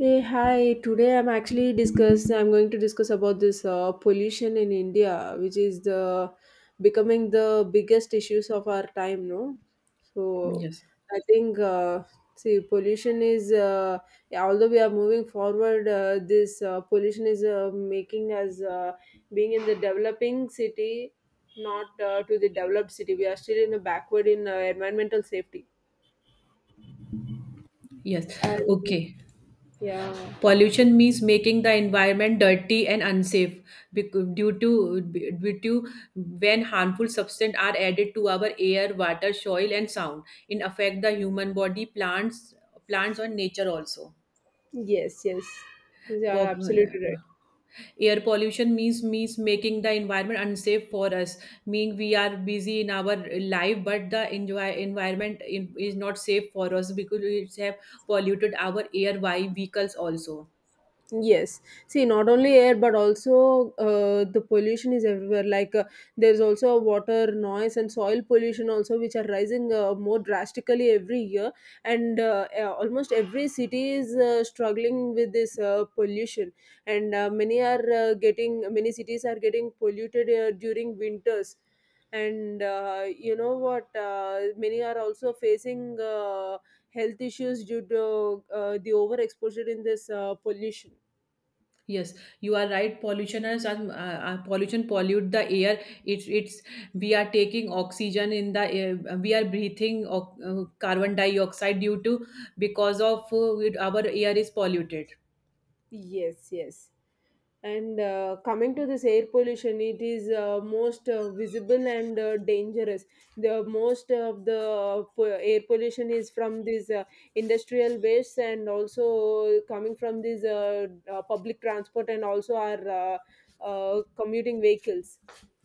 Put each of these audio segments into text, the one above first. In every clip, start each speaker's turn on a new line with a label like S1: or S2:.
S1: Hey, hi. Today I'm actually discuss. I'm going to discuss about this pollution in India, which is the becoming the biggest issues of our time. No, so
S2: Yes,
S1: I think see pollution is yeah, although we are moving forward, this pollution is making us being in the developing city, not to the developed city. We are still in a backward in environmental safety.
S2: yes.
S1: And
S2: Okay.
S1: yeah.
S2: Pollution means making the environment dirty and unsafe due to when harmful substances are added to our air, water, soil, and sound. It affect the human body, plants, and nature also.
S1: Yes, yes. Yes, you are
S2: Pop-
S1: absolutely right.
S2: Air pollution means making the environment unsafe for us, meaning we are busy in our life but the enjoy, environment in, is not safe for us because it's have polluted our air by vehicles also.
S1: Yes. See, not only air, but also the pollution is everywhere. Like there's also water noise and soil pollution also, which are rising more drastically every year. And almost every city is struggling with this pollution. And many cities are getting polluted during winters. And you know what? Many are also facing health issues due to the overexposure in this pollution.
S2: Yes, you are right. Pollutioners are, pollution pollute the air. It's we are taking oxygen in the air, we are breathing carbon dioxide due to because of our air is polluted.
S1: Yes, yes. And coming to this air pollution, it is most visible and dangerous. The most of the air pollution is from these industrial wastes and also coming from these public transport and also our commuting vehicles,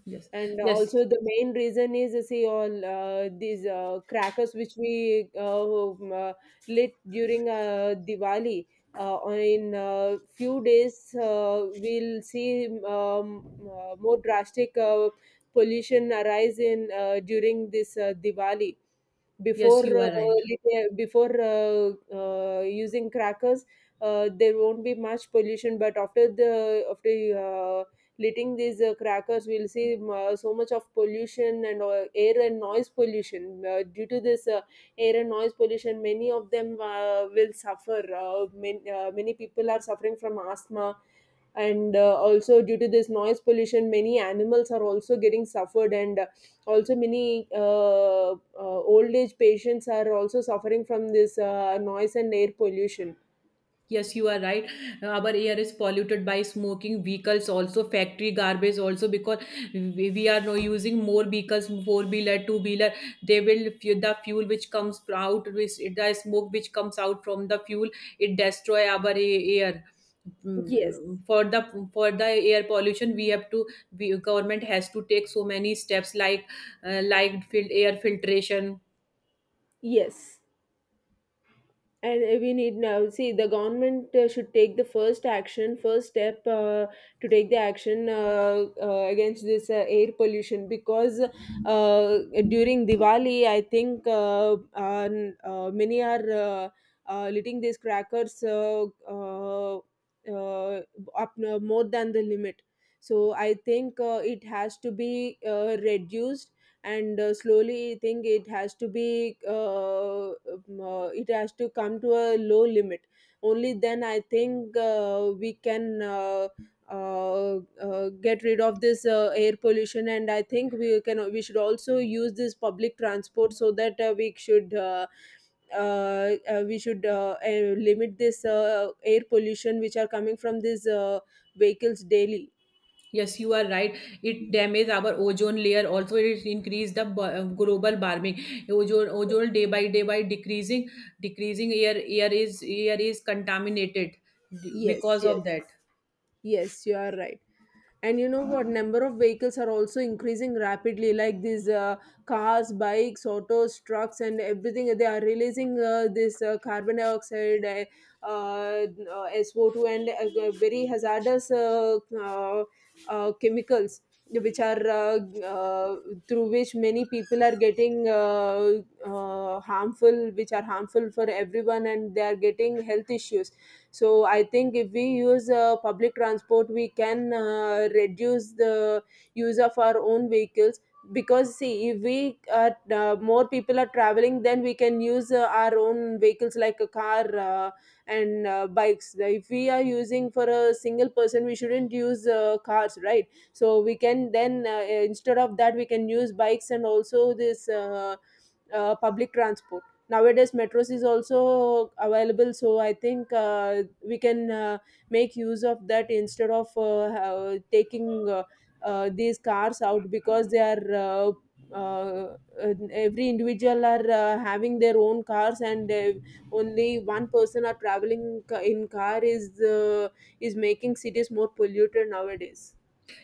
S2: yes
S1: and
S2: yes
S1: also the main reason is see all these crackers which we lit during Diwali. In few days, we'll see more drastic pollution arise in during this Diwali.
S2: yes
S1: before
S2: you are
S1: uh,
S2: right.
S1: li- before uh, uh, using crackers there won't be much pollution, but after uh, lighting these crackers we'll see so much of pollution and air and noise pollution due to this air and noise pollution. Many of them will suffer, many people are suffering from asthma, and also due to this noise pollution many animals are also getting suffered, and also many old age patients are also suffering from this noise and air pollution.
S2: Yes, you are right. Our air is polluted by smoking vehicles, also factory garbage, also because we are now using more vehicles, four wheeler, two wheeler. They will the fuel which comes out, which the smoke which comes out from the fuel, it destroy our air.
S1: Yes,
S2: Mm, for the for the air pollution, we have to, we government has to take so many steps like air filtration.
S1: yes. And we need, now see the government should take the first step to take the action against this air pollution because during Diwali I think uh, many are lighting these crackers uh, uh, up more than the limit. So I think it has to be reduced, and slowly think it has to be it has to come to a low limit. Only then I think we can get rid of this air pollution, and I think we can, we should also use this public transport so that we should limit this air pollution which are coming from these vehicles daily.
S2: Yes, you are right. It damages our ozone layer. Also, it increase the global warming. Ozone day by day by decreasing, decreasing air air is contaminated
S1: Yes,
S2: because of
S1: yes.
S2: that.
S1: Yes, you are right. And you know what? Number of vehicles are also increasing rapidly, like these cars, bikes, autos, trucks, and everything. They are releasing this carbon dioxide, SO2, and very hazardous chemicals which are uh, through which many people are getting harmful which are harmful for everyone, and they are getting health issues. So I think if we use public transport, we can reduce the use of our own vehicles. Because see, if we more people are traveling, then we can use our own vehicles, like a car and bikes. If we are using for a single person, we shouldn't use cars, right? So we can then instead of that, we can use bikes and also this public transport. Nowadays metros is also available, so I think we can make use of that instead of taking uh, these cars out, because they are uh, uh, every individual are having their own cars, and only one person are traveling in car uh, is making cities more polluted nowadays.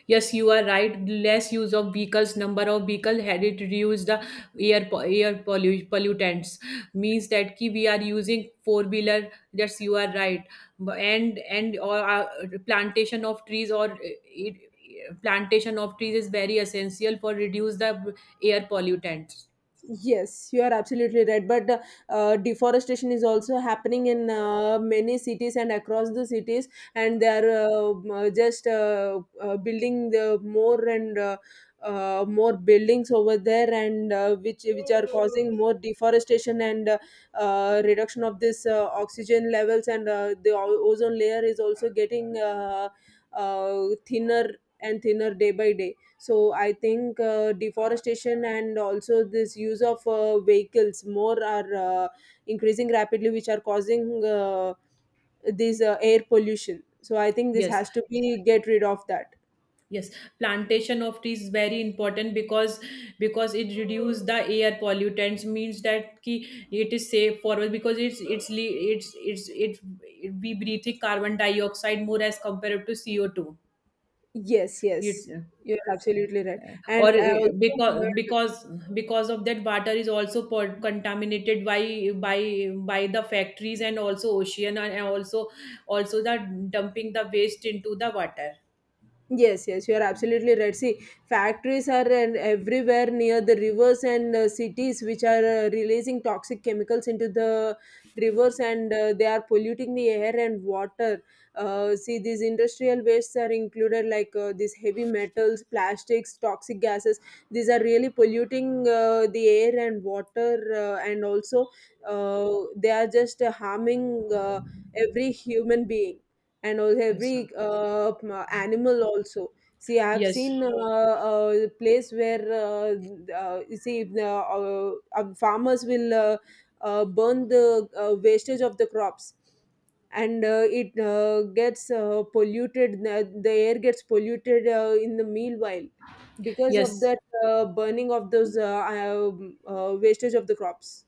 S2: Yes, you are right. Less use of vehicles, number of vehicle headed reduce the air po- air pollu- pollutants, means that ki we are using four wheeler. Yes, you are right. And or plantation of trees or it, plantation of trees is very essential for reduce the air pollutants.
S1: Yes, you are absolutely right. But deforestation is also happening in many cities and across the cities, and they are just building the more and more buildings over there, and which are causing more deforestation and reduction of this oxygen levels, and the ozone layer is also getting thinner and thinner day by day. So I think deforestation and also this use of vehicles more are increasing rapidly, which are causing this air pollution. So I think this
S2: Yes,
S1: has to be get rid of that.
S2: yes, plantation of trees is very important because it reduce the air pollutants, means that ki it is safe for us because it's le- it's it, it we breathing carbon dioxide more as compared to CO2.
S1: Yes, yes.
S2: It's
S1: You're absolutely right. And
S2: or
S1: I also
S2: because
S1: heard.
S2: because of that water is also contaminated by by the factories and also ocean and and also the dumping the waste into the water.
S1: Yes, yes, you are absolutely right. See, factories are and everywhere near the rivers and cities, which are releasing toxic chemicals into the rivers, and they are polluting the air and water. See, these industrial wastes are included, like these heavy metals, plastics, toxic gases. These are really polluting the air and water, and also they are just harming every human being and all
S2: Yes, no.
S1: every animal also. See, I have
S2: Yes.
S1: seen a place where you see the farmers will burn the wastage of the crops, and it gets polluted, the air gets polluted in the meanwhile, because of
S2: Yes.
S1: that burning of those wastage of the crops.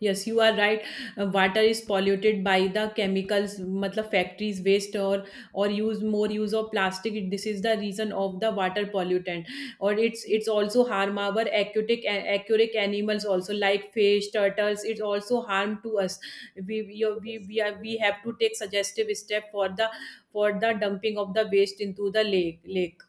S2: Yes, you are right. Water is polluted by the chemicals, matlab factories waste or use more use of plastic. This is the reason of the water pollutant, or it's also harm our aquatic animals also like fish, turtles. It's also harm to us. We have to take suggestive step for the dumping of the waste into the lake.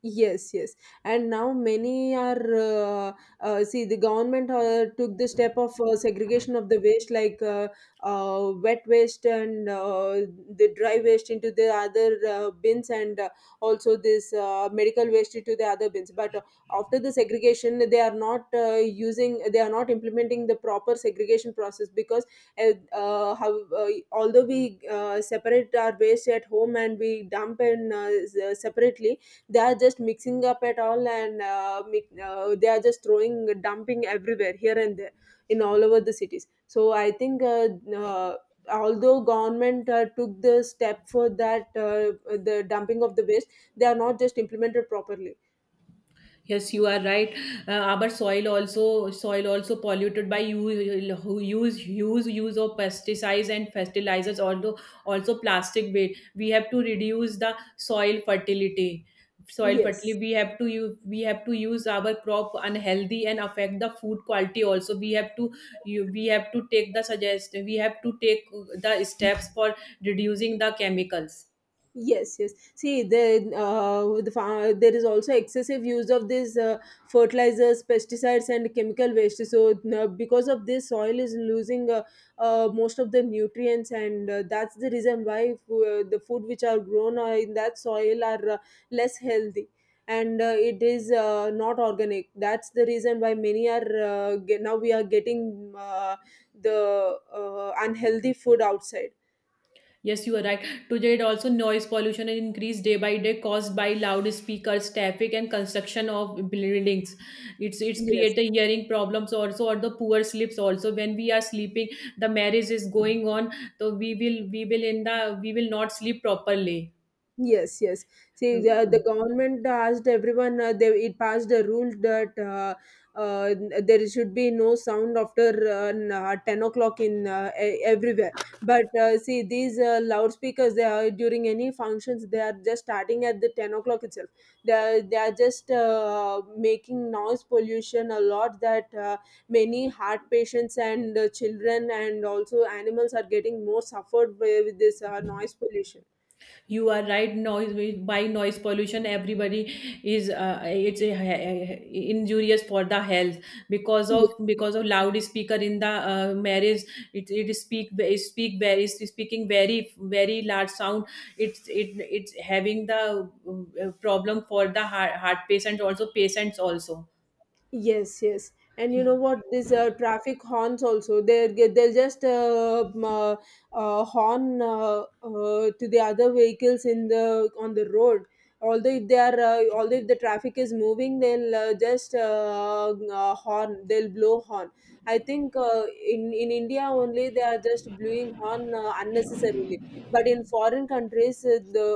S1: Yes, yes. And now many are, see, the government took the step of segregation of the waste, like wet waste and the dry waste into the other bins, and also this medical waste into the other bins. But after the segregation, they are not they are not implementing the proper segregation process, because uh, although we separate our waste at home and we dump in separately, they are just mixing up at all, and they are just throwing dumping everywhere here and there in all over the cities. So I think uh, although government took the step for that the dumping of the waste, they are not just implemented properly.
S2: Yes, you are right. Our soil also polluted by use of pesticides and fertilizers. Although also plastic waste, we have to reduce the soil fertility. Soil fertility.
S1: Yes.
S2: We have to use our crop unhealthy and affect the food quality. Also, we have to, you, we have to take the suggest. We have to take the steps for reducing the chemicals.
S1: Yes, yes. See, the, there is also excessive use of this fertilizers, pesticides, and chemical waste. So, because of this, soil is losing most of the nutrients, and that's the reason why the food which are grown in that soil are less healthy, and it is not organic. That's the reason why now we are getting the unhealthy food outside.
S2: Yes, you are right. Today, it also noise pollution is increased day by day, caused by loudspeakers, traffic, and construction of buildings. It's
S1: Yes.
S2: create created hearing problems also, or the poor sleeps also. When we are sleeping, the marriage is going on, so we will in the we will not sleep properly.
S1: Yes, yes. See, the government asked everyone, it passed a rule that uh, there should be no sound after 10 o'clock in everywhere. But see, these loudspeakers, they are during any functions, they are just starting at the 10 o'clock itself. They are just making noise pollution a lot that many heart patients and children and also animals are getting more suffered with this noise pollution.
S2: You are right. Noise by noise pollution everybody is it's a, injurious for the health because of loud speaker in the marriage. It's speaking very large sound. It's having the problem for the heart patients also patients also.
S1: Yes, yes. And you know what? These traffic horns also, they'll just horn to the other vehicles in the on the road. Although if they are, although if the traffic is moving, they'll just horn. They'll blow horn. I think in India only they are just blowing horn unnecessarily. But in foreign countries, the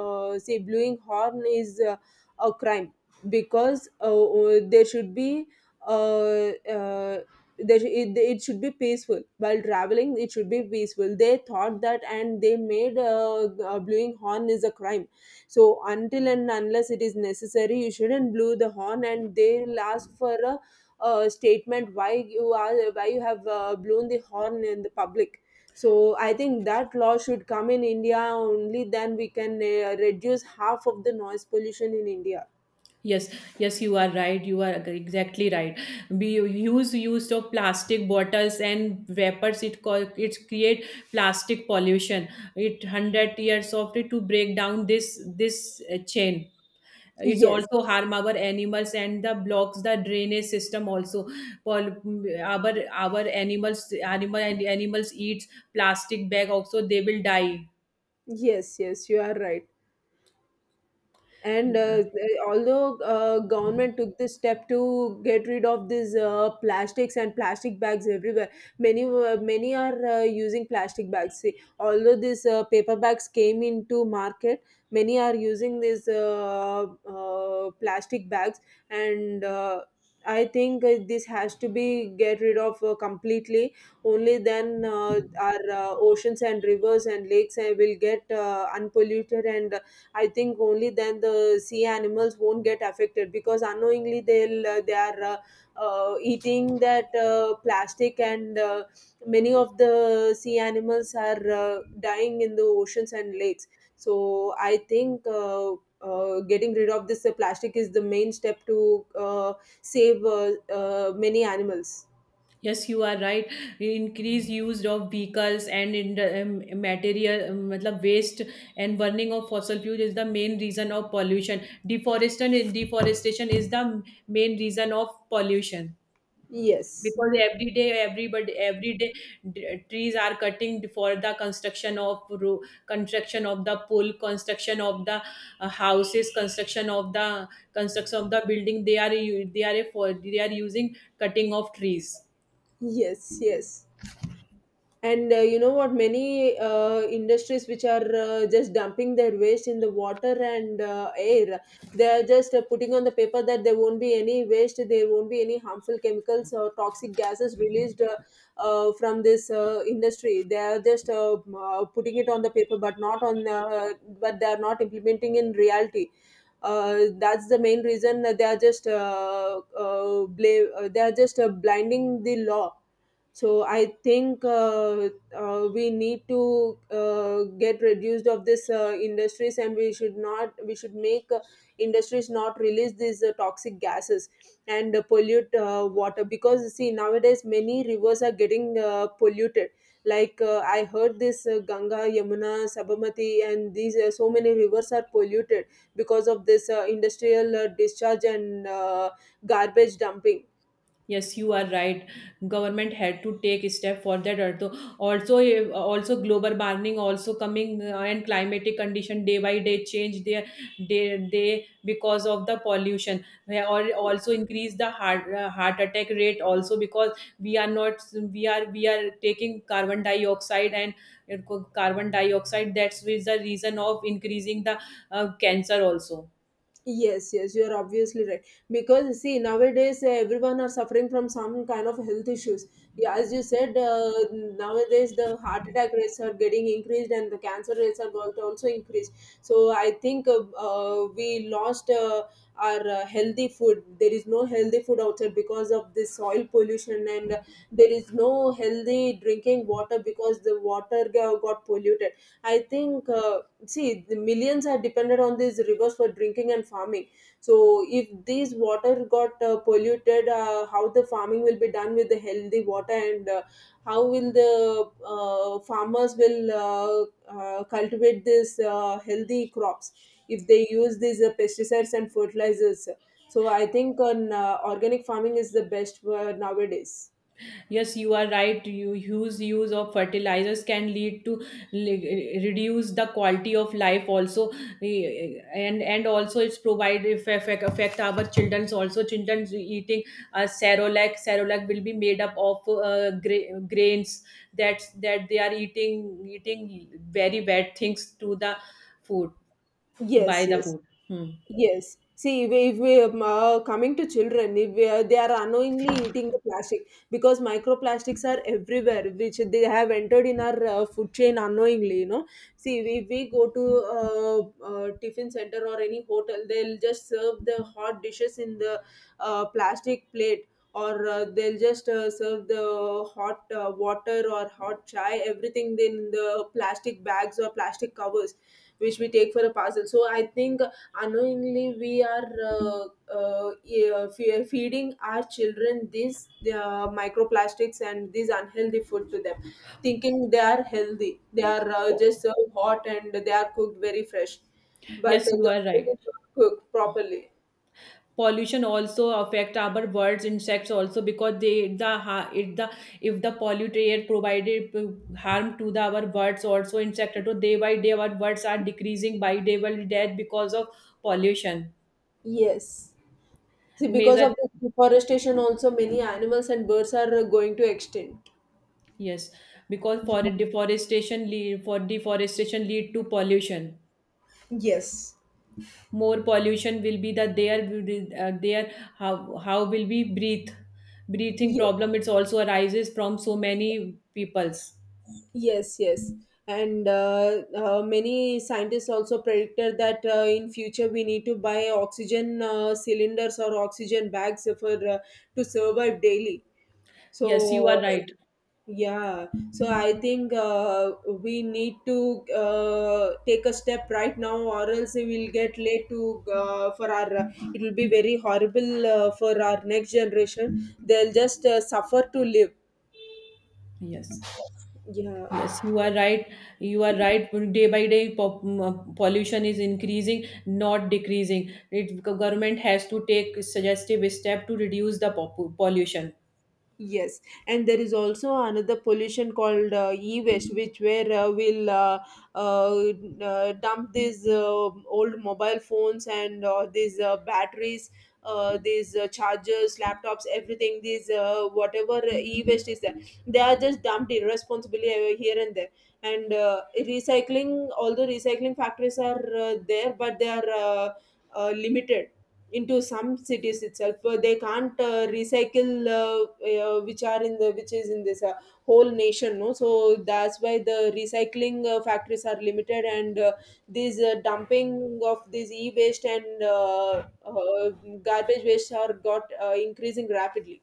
S1: say blowing horn is a crime because there should be uh, uh, there it should be peaceful while traveling. It should be peaceful. They thought that and they made blowing horn is a crime. So until and unless it is necessary you shouldn't blow the horn, and they'll ask for a statement why you are, why you have blown the horn in the public. So I think that law should come in India, only then we can reduce half of the noise pollution in India.
S2: Yes, yes, you are right. You are exactly right. We use use of plastic bottles and vapors. It create plastic pollution. It hundred years of it to break down this chain. It's
S1: Yes.
S2: also harm our animals and the blocks the drainage system also. Pol- our our animals animal and animals eat plastic bag also, they will die.
S1: Yes, yes, you are right, and although government took this step to get rid of these plastics and plastic bags everywhere. Many are using plastic bags. See, although these paper bags came into market, many are using these plastic bags. And I think this has to be get rid of completely. Only then our oceans and rivers and lakes will get unpolluted. And I think only then the sea animals won't get affected, because unknowingly they are eating that plastic, and many of the sea animals are dying in the oceans and lakes. So I think getting rid of this plastic is the main step to save many animals.
S2: Yes, you are right. Increased use of vehicles and in um, material, matlab waste and burning of fossil fuel is the main reason of pollution. Deforestation is the main reason of pollution
S1: Yes,
S2: because every day, trees are cutting for the construction of construction of the pool, construction of the houses, construction of the building. They are u- they are a, for they are using cutting of trees.
S1: yes, yes. And you know what, many industries which are just dumping their waste in the water and air, they are just putting on the paper that there won't be any waste, there won't be any harmful chemicals or toxic gases released from this industry. They are just putting it on the paper, but not on but they are not implementing in reality. That's the main reason that they are just they are just blinding the law. So I think we need to get reduced of this industries, and we should make industries not release these toxic gases and pollute water, because see nowadays many rivers are getting polluted, like I heard this Ganga, Yamuna, Sabamati, and these so many rivers are polluted because of this industrial discharge and garbage dumping.
S2: Yes, you are right. Government had to take a step for that. Also, also eh, also global warming also coming and climatic condition day by day change their day day because of the pollution. Eh, or also increase the heart attack rate also because we are not we are we are taking carbon dioxide and carbon dioxide. That's with the reason of increasing the cancer also.
S1: Yes, yes, you're obviously right. Because see, nowadays everyone are suffering from some kind of health issues. Yeah, as you said, nowadays the heart attack rates are getting increased and the cancer rates are going to also increase. So I think we lost our healthy food. There is no healthy food outside because of this soil pollution, and there is no healthy drinking water because the water got polluted. I think. See, the millions are dependent on these rivers for drinking and farming. So if these water got polluted, how the farming will be done with the healthy water, and how will the farmers will cultivate this healthy crops if they use these pesticides and fertilizers. So I think on organic farming is the best word nowadays.
S2: Yes, you are right. You huge use of fertilizers can lead to reduce the quality of life also, and also it's provide if affect our childrens also. Childrens eating cerelac will be made up of grains that they are eating, eating very bad things to the food to buy
S1: Yes,
S2: the
S1: yes.
S2: food. Hmm.
S1: Yes. See, if we, if we coming to children, if we, they are unknowingly eating the plastic, because microplastics are everywhere, which they have entered in our food chain unknowingly. You know, see, if we go to tiffin center or any hotel, they'll just serve the hot dishes in the plastic plate, or they'll just serve the hot water or hot chai, everything in the plastic bags or plastic covers, which we take for a parcel. So I think unknowingly we are yeah, feeding our children these microplastics and these unhealthy food to them, thinking they are healthy, they are just so hot and they are cooked very fresh, but
S2: Yes, you
S1: the
S2: are
S1: food
S2: right.
S1: is not cooked properly.
S2: Pollution also affect our birds insects also because if the polluted air provided harm to the our birds also insect, so day by day our birds are decreasing by day because of pollution.
S1: Yes. See, because
S2: Major,
S1: of the deforestation also many animals and birds are going to extinct.
S2: yes, because for deforestation lead to pollution.
S1: Yes.
S2: More pollution will be the there will be, there, how will we breathe. Breathing problem it's also arises from so many peoples.
S1: Yes, yes. And many scientists also predicted that in future we need to buy oxygen cylinders or oxygen bags for to survive daily.
S2: Yes, you
S1: So
S2: are right.
S1: yeah, so I think we need to take a step right now, or else we will get late to for our. It will be very horrible for our next generation. They'll just suffer to live.
S2: Yes.
S1: Yeah.
S2: Yes, you are right. You are right. Day by day, pollution is increasing, not decreasing. It government has to take suggestive step to reduce the pollution.
S1: Yes, and there is also another pollution called e-waste, which where we'll uh, dump these old mobile phones and these batteries, these chargers, laptops, everything. These whatever e-waste is there, they are just dumped irresponsibly here and there. And recycling, although recycling factories are there, but they are limited into some cities itself. They can't recycle, which are in the, which is in this whole nation no, so that's why the recycling factories are limited, and these dumping of these e-waste and garbage waste are got increasing rapidly.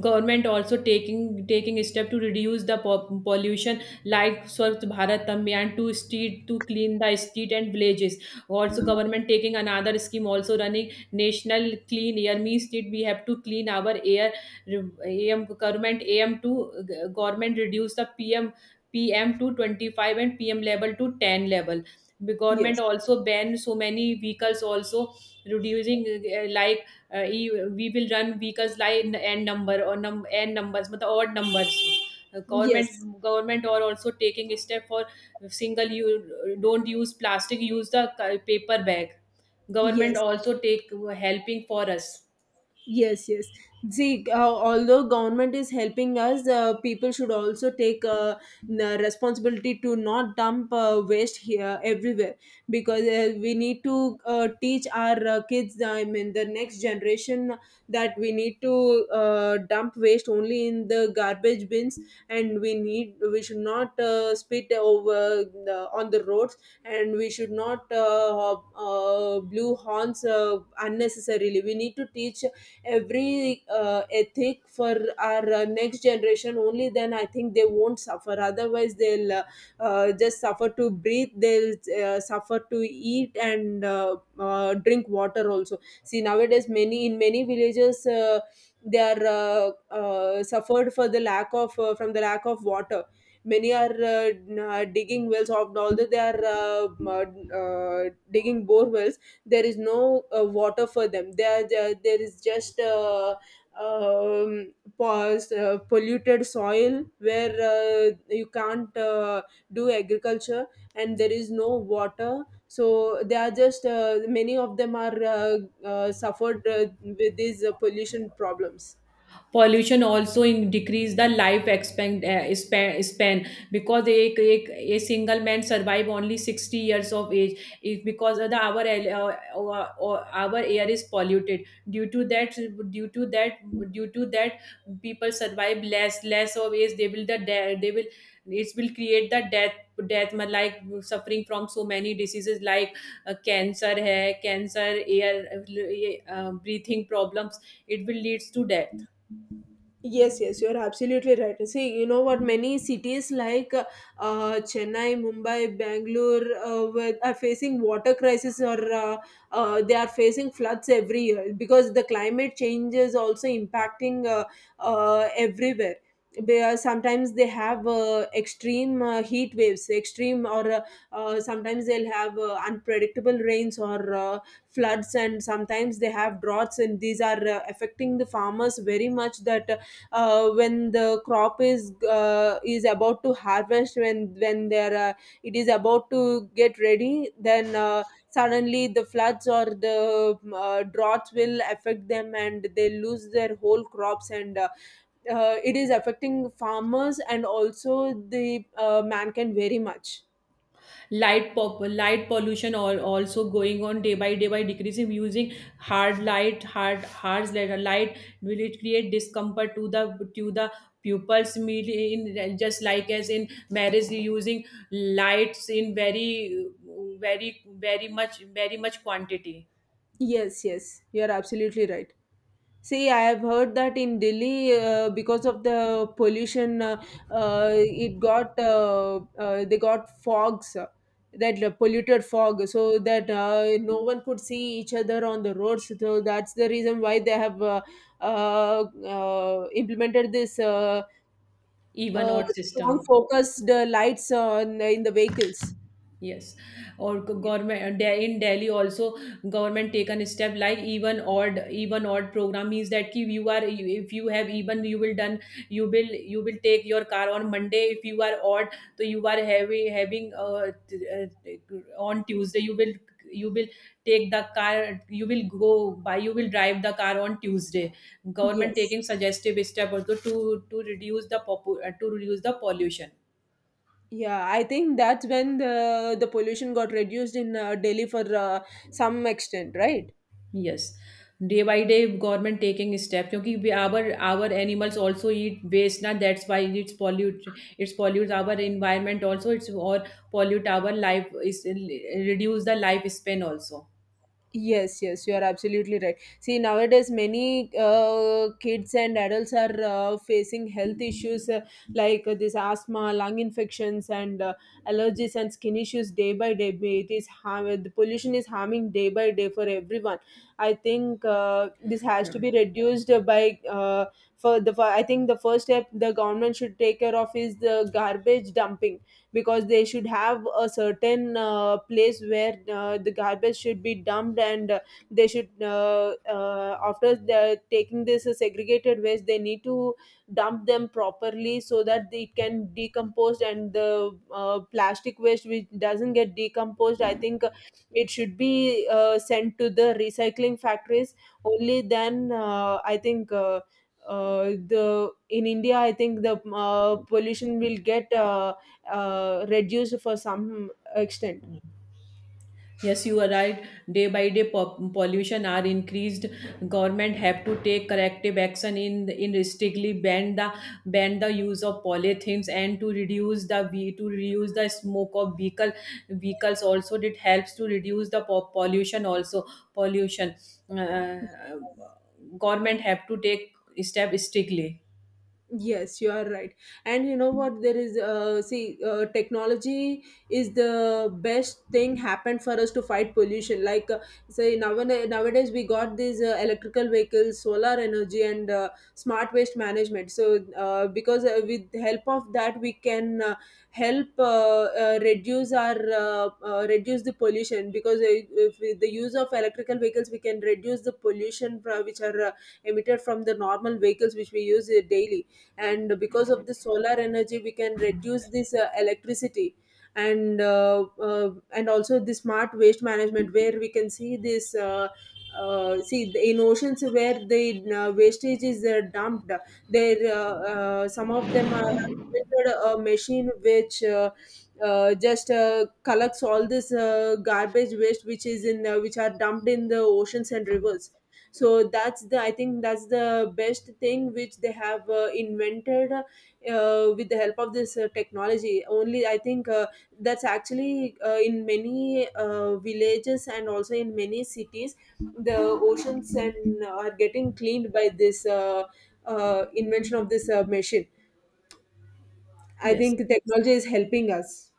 S2: Government also taking a step to reduce the pollution, like Swachh Bharat Abhiyan to street to clean the street and villages. Also government taking another scheme also, running national clean air, means that we have to clean our air. Am government am to government reduce the pm, pm to 25 and pm level to 10 level. The government
S1: Yes,
S2: also ban so many vehicles also, reducing like we will run vehicles like n numbers मतलब odd numbers. Government,
S1: yes,
S2: government are also taking a step for single, you don't use plastic, use the paper bag. Government
S1: yes.
S2: also take helping for us.
S1: Yes, yes. See, although government is helping us, people should also take the responsibility to not dump waste here everywhere, because we need to teach our kids, I mean, the next generation, that we need to dump waste only in the garbage bins, and we should not spit over the, on the roads, and we should not blew horns unnecessarily. We need to teach every ethic for our next generation. Only then I think they won't suffer, otherwise they'll just suffer to breathe. They'll suffer to eat and drink water also. See nowadays many in many villages they are suffered for the lack of from the lack of water. Many are digging wells of, although they are digging bore wells, there is no water for them. There is just polluted soil where you can't do agriculture, and there is no water. So they are just many of them are suffered with these pollution problems.
S2: Pollution also in decrease the life span because a single man survive only 60 years of age if because of the our our air is polluted due to that, due to that due to that people survive less less of age, they will they will, it will create the death, death like suffering from so many diseases like cancer hai cancer air, breathing problems, it will leads to death.
S1: Yes, yes, you're absolutely right. See, you know what? Many cities like Chennai, Mumbai, Bangalore with, are facing water crisis or they are facing floods every year, because the climate change is also impacting everywhere. They are, sometimes they have extreme heat waves, extreme, or sometimes they'll have unpredictable rains or floods, and sometimes they have droughts, and these are affecting the farmers very much. That when the crop is about to harvest, when there it is about to get ready, then suddenly the floods or the droughts will affect them, and they lose their whole crops, and it is affecting farmers and also the mankind very much.
S2: Light pop light pollution or also going on day by day by decreasing, using hard light hard harsh light light will it create discomfort to the pupils meet in, just like as in marriage using lights in very very much very much quantity.
S1: Yes, yes, you are absolutely right. See, I have heard that in Delhi, because of the pollution, it got they got fogs, that polluted fog, so that no one could see each other on the roads. So that's the reason why they have implemented this
S2: Even
S1: uh,
S2: odd
S1: strong
S2: system.
S1: focused lights on in the vehicles.
S2: Yes, or government in Delhi also government taken step like even odd, even odd program, means that ki you are if you have even you will done, you will take your car on Monday, if you are odd so you are on Tuesday you will take the car, you will go by, you will drive the car on Tuesday. Government
S1: Yes.
S2: taking suggestive step also to reduce the to reduce the pollution.
S1: Yeah, I think that's when the pollution got reduced in Delhi for some extent, right?
S2: Yes. Day by day, government taking step क्योंकि our animals also eat waste ना, that's why it's pollutes our environment also, it's or pollute our life is reduce the life span also.
S1: Yes, yes, you are absolutely right. See, nowadays many kids and adults are facing health issues like this asthma, lung infections, and allergies and skin issues day by day. It is the pollution is harming day by day for everyone. I think this has to
S2: Hmm.
S1: be reduced by for the. For, I think the first step the government should take care of is the garbage dumping, because they should have a certain place where the garbage should be dumped, and they should after the, taking this segregated waste, they need to dump them properly so that it can decompose, and the plastic waste which doesn't get decomposed, I think it should be sent to the recycling factories. Only then I think the in India, I think the pollution will get reduced for some extent.
S2: Yes, you are right. Day by day, pollution are increased. Government have to take corrective action, in strictly ban the use of polythenes and to reduce the to reduce the smoke of vehicles. Also, it helps to reduce the pollution. Also, pollution. Uh, government have to take step strictly.
S1: Yes, you are right. And you know what? There is, see, technology is the best thing happened for us to fight pollution. Like, nowadays we got these electrical vehicles, solar energy, and smart waste management. So, because with the help of that, we can help reduce our reduce the pollution. Because if with the use of electrical vehicles, we can reduce the pollution which are emitted from the normal vehicles which we use daily, and because of the solar energy we can reduce this electricity, and also the smart waste management, where we can see this see in oceans where the wastage is dumped, there some of them are invented a machine which just collects all this garbage waste which is in which are dumped in the oceans and rivers. So that's the, I think that's the best thing which they have invented with the help of this technology. Only I think that's actually in many villages and also in many cities the oceans and are getting cleaned by this invention of this machine. I
S2: Yes.
S1: think technology is helping us.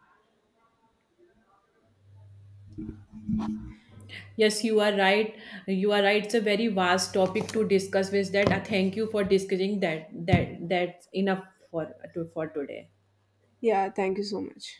S2: Yes, you are right. You are right. It's a very vast topic to discuss with that. I thank you for discussing that. That's enough for to, for today.
S1: Yeah, thank you so much.